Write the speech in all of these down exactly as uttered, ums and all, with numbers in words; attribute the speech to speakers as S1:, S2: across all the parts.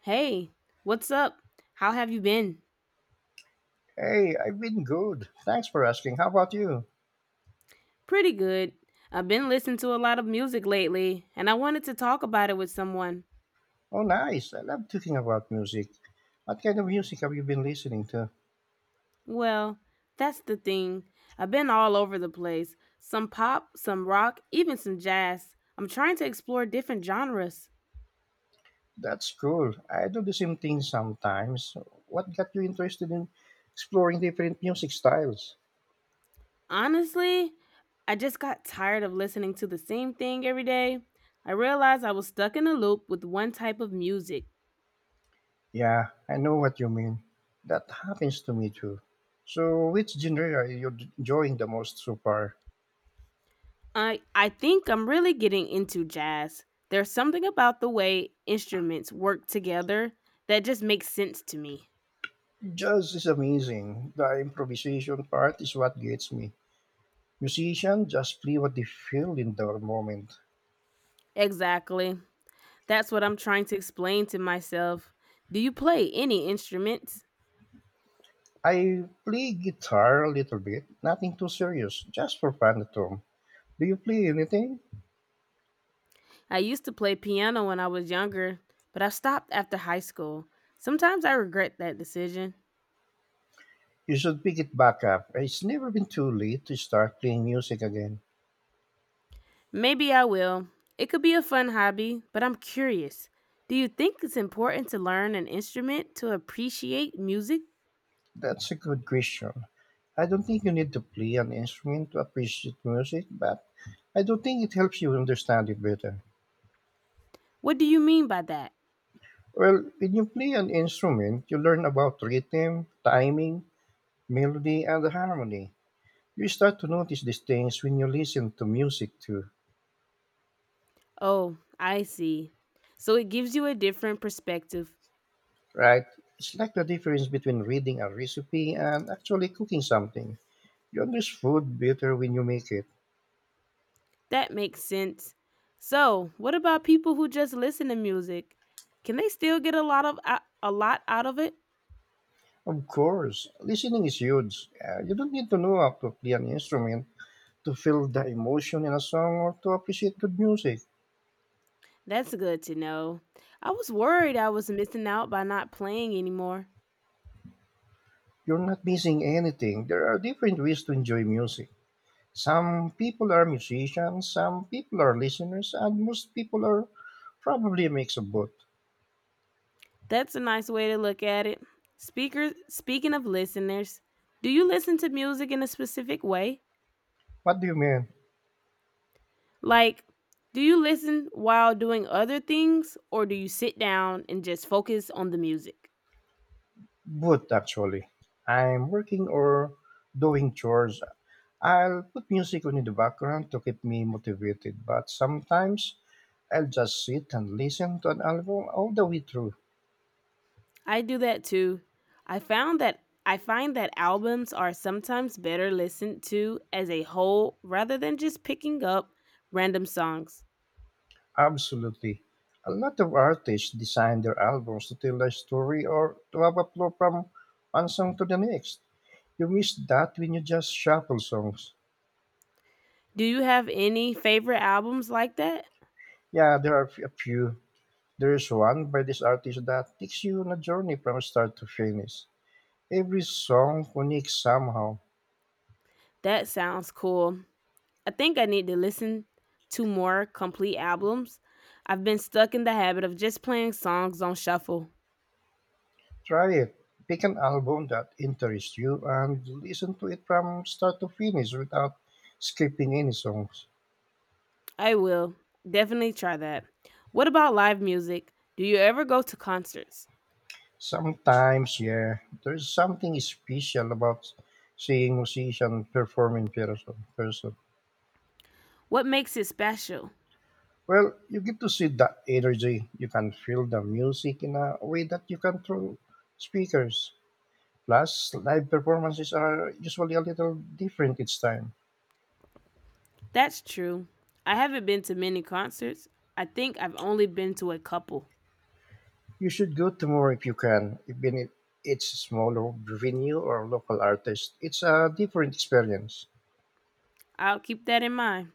S1: Hey, what's up? How have you been?
S2: Hey, I've been good. Thanks for asking. How about you?
S1: Pretty good. I've been listening to a lot of music lately, and I wanted to talk about it with someone.
S2: Oh, nice. I love talking about music. What kind of music have you been listening to?
S1: Well, that's the thing. I've been all over the place some pop, some rock, even some jazz. I'm trying to explore different genres.
S2: That's cool. I do the same thing sometimes. What got you interested in exploring different music styles?
S1: Honestly, I just got tired of listening to the same thing every day. I realized I was stuck in a loop with one type of music.
S2: Yeah, I know what you mean. That happens to me too. So, which genre are you enjoying the most so far?
S1: I I think I'm really getting into jazz. There's something about the way instruments work together that just makes sense to me.
S2: Jazz is amazing. The improvisation part is what gets me. Musicians just play what they feel in their moment.
S1: Exactly. That's what I'm trying to explain to myself. Do you play any instruments?
S2: I play guitar a little bit, nothing too serious, just for fun at home. Do you play anything?
S1: I used to play piano when I was younger, but I stopped after high school. Sometimes I regret that decision.
S2: You should pick it back up. It's never been too late to start playing music again.
S1: Maybe I will. It could be a fun hobby, but I'm curious. Do you think it's important to learn an instrument to appreciate music?
S2: That's a good question. I don't think you need to play an instrument to appreciate music, but I do think it helps you understand it better.
S1: What do you mean by that?
S2: Well, when you play an instrument, you learn about rhythm, timing, melody, and harmony. You start to notice these things when you listen to music too.
S1: Oh, I see. So it gives you a different perspective.
S2: Right? It's like the difference between reading a recipe and actually cooking something. You understand food better when you make it.
S1: That makes sense. So, what about people who just listen to music? Can they still get a lot of a a lot out of it?
S2: Of course, listening is huge. Uh, you don't need to know how to play an instrument to feel the emotion in a song or to appreciate good music.
S1: That's good to know. I was worried I was missing out by not playing anymore.
S2: You're not missing anything. There are different ways to enjoy music. Some people are musicians, some people are listeners, and most people are probably a mix of both.
S1: That's a nice way to look at it. Speakers speaking of listeners, do you listen to music in a specific way?
S2: What do you mean?
S1: Like do you listen while doing other things or do you sit down and just focus on the music?
S2: Both actually. I'm working or doing chores. I'll put music on in the background to keep me motivated, but sometimes I'll just sit and listen to an album all the way through.
S1: I do that too. I found that I find that albums are sometimes better listened to as a whole rather than just picking up random songs.
S2: Absolutely. A lot of artists design their albums to tell a story or to have a flow from one song to the next. You miss that when you just shuffle songs.
S1: Do you have any favorite albums like that?
S2: Yeah, there are a few. There is one by this artist that takes you on a journey from start to finish. Every song unique somehow.
S1: That sounds cool. I think I need to listen to more complete albums. I've been stuck in the habit of just playing songs on shuffle.
S2: Try it. Pick an album that interests you and listen to it from start to finish without skipping any songs.
S1: I will definitely try that. What about live music? Do you ever go to concerts?
S2: Sometimes, yeah, there's something special about seeing musician perform in person. person.
S1: What makes it special?
S2: Well, you get to see that energy. You can feel the music in a way that you can through speakers. Plus, live performances are usually a little different each time.
S1: That's true. I haven't been to many concerts. I think I've only been to a couple.
S2: You should go to more if you can, even if it's a smaller venue or local artist. It's a different experience.
S1: I'll keep that in mind.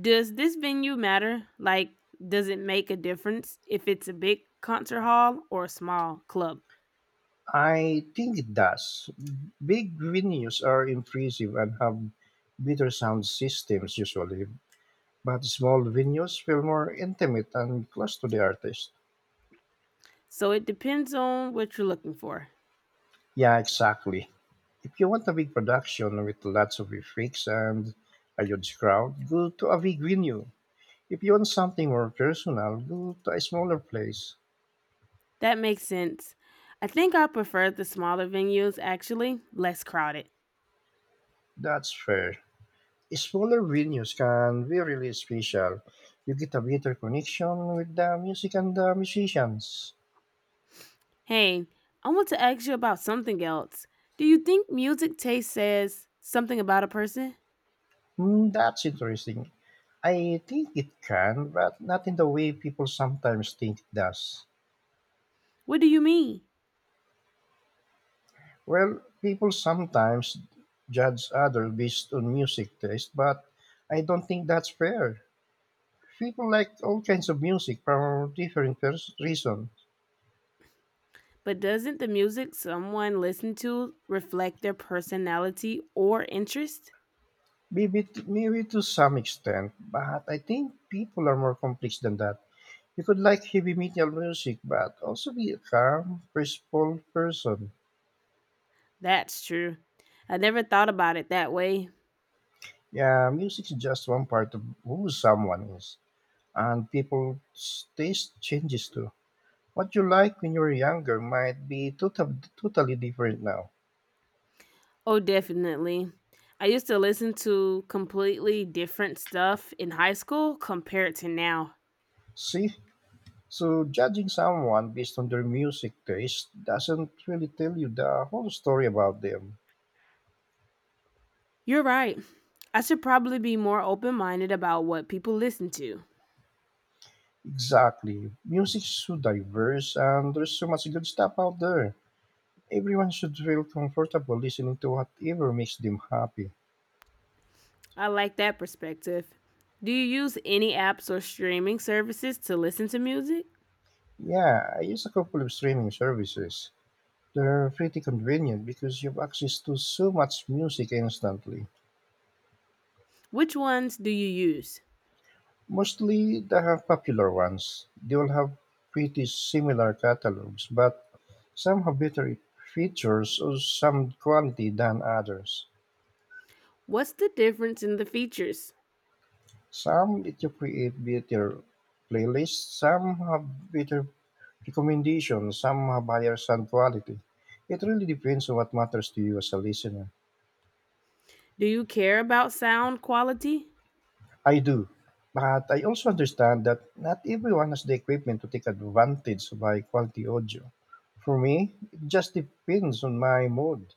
S1: Does this venue matter? Like, does it make a difference if it's a big concert hall or a small club?
S2: I think it does. Big venues are impressive and have better sound systems usually, but small venues feel more intimate and close to the artist.
S1: So it depends on what you're looking for.
S2: Yeah, exactly. If you want a big production with lots of effects and a huge crowd, go to a big venue. If you want something more personal, go to a smaller place.
S1: That makes sense. I think I prefer the smaller venues, actually, less crowded.
S2: That's fair. Smaller venues can be really special. You get a better connection with the music and the musicians.
S1: Hey, I want to ask you about something else. Do you think music taste says something about a person?
S2: Mm, that's interesting. I think it can, but not in the way people sometimes think it does.
S1: What do you mean?
S2: Well, people sometimes judge others based on music taste, but I don't think that's fair. People like all kinds of music for different pers- reasons.
S1: But doesn't the music someone listened to reflect their personality or interest?
S2: Maybe, t- maybe to some extent, but I think people are more complex than that. You could like heavy metal music, but also be a calm, peaceful person.
S1: That's true. I never thought about it that way.
S2: Yeah, music is just one part of who someone is, and people's taste changes too. What you like when you were younger might be total, totally different now.
S1: Oh, definitely. I used to listen to completely different stuff in high school compared to now.
S2: See? So judging someone based on their music taste doesn't really tell you the whole story about them.
S1: You're right. I should probably be more open minded about what people listen to.
S2: Exactly. Music's so diverse, and there's so much good stuff out there. Everyone should feel comfortable listening to whatever makes them happy.
S1: I like that perspective. Do you use any apps or streaming services to listen to music?
S2: Yeah, I use a couple of streaming services. They're pretty convenient because you have access to so much music instantly.
S1: Which ones do you use?
S2: Mostly the popular ones. They all have pretty similar catalogs, but some have better features or some quality than others.
S1: What's the difference in the features?
S2: Some let you create better playlists, some have better recommendations, some have higher sound quality. It really depends on what matters to you as a listener.
S1: Do you care about sound quality?
S2: I do. But I also understand that not everyone has the equipment to take advantage of high quality audio. For me, it just depends on my mood.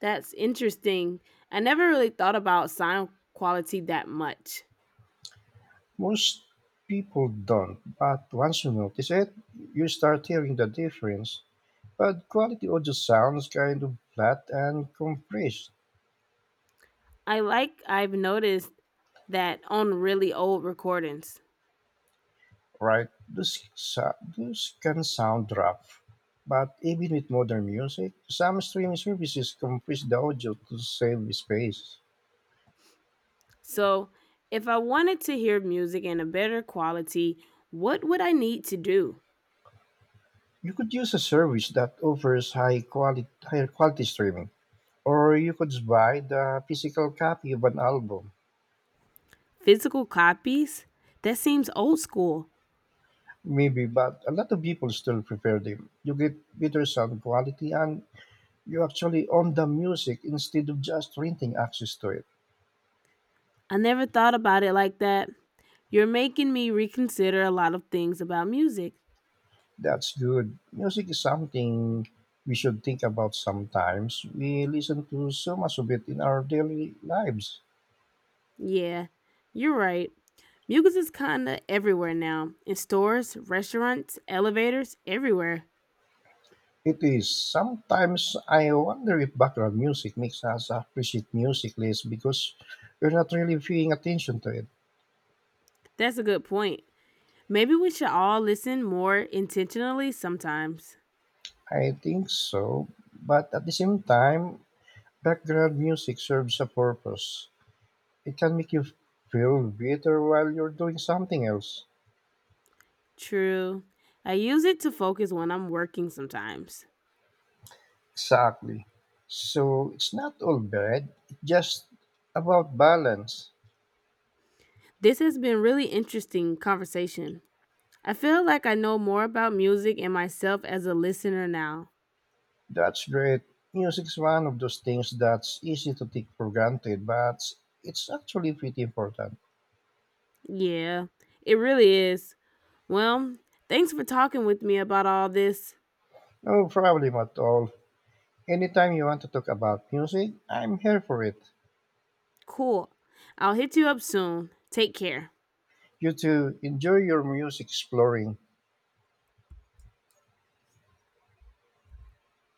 S1: That's interesting. I never really thought about sound quality that much.
S2: Most people don't, but once you notice it, you start hearing the difference. But quality audio sounds kind of flat and compressed,
S1: I like, I've noticed that on really old recordings.
S2: right? This sa- those can sound rough. But even with modern music, some streaming services compress the audio to save space.
S1: So, if I wanted to hear music in a better quality, what would I need to do?
S2: You could use a service that offers high quality, higher quality streaming, or you could buy the physical copy of an album.
S1: Physical copies? That seems old school.
S2: Maybe, but a lot of people still prefer them. You get better sound quality and you actually own the music instead of just renting access to it.
S1: I never thought about it like that. You're making me reconsider a lot of things about music.
S2: That's good. Music is something we should think about sometimes. We listen to so much of it in our daily lives.
S1: Yeah, you're right. Mucus is kinda everywhere now in stores, restaurants, elevators, everywhere.
S2: It is. Sometimes I wonder if background music makes us appreciate music less because we're not really paying attention to it.
S1: That's a good point. Maybe we should all listen more intentionally sometimes.
S2: I think so. But at the same time, background music serves a purpose. It can make you feel better while you're doing something else.
S1: True. I use it to focus when I'm working sometimes.
S2: Exactly. So it's not all bad, it's just about balance.
S1: This has been really interesting conversation. I feel like I know more about music and myself as a listener now.
S2: That's great. Music's one of those things that's easy to take for granted, but it's actually pretty important.
S1: Yeah, it really is. Well, thanks for talking with me about all this.
S2: No problem at all. Anytime you want to talk about music, I'm here for it.
S1: Cool. I'll hit you up soon. Take care.
S2: You too, enjoy your music exploring.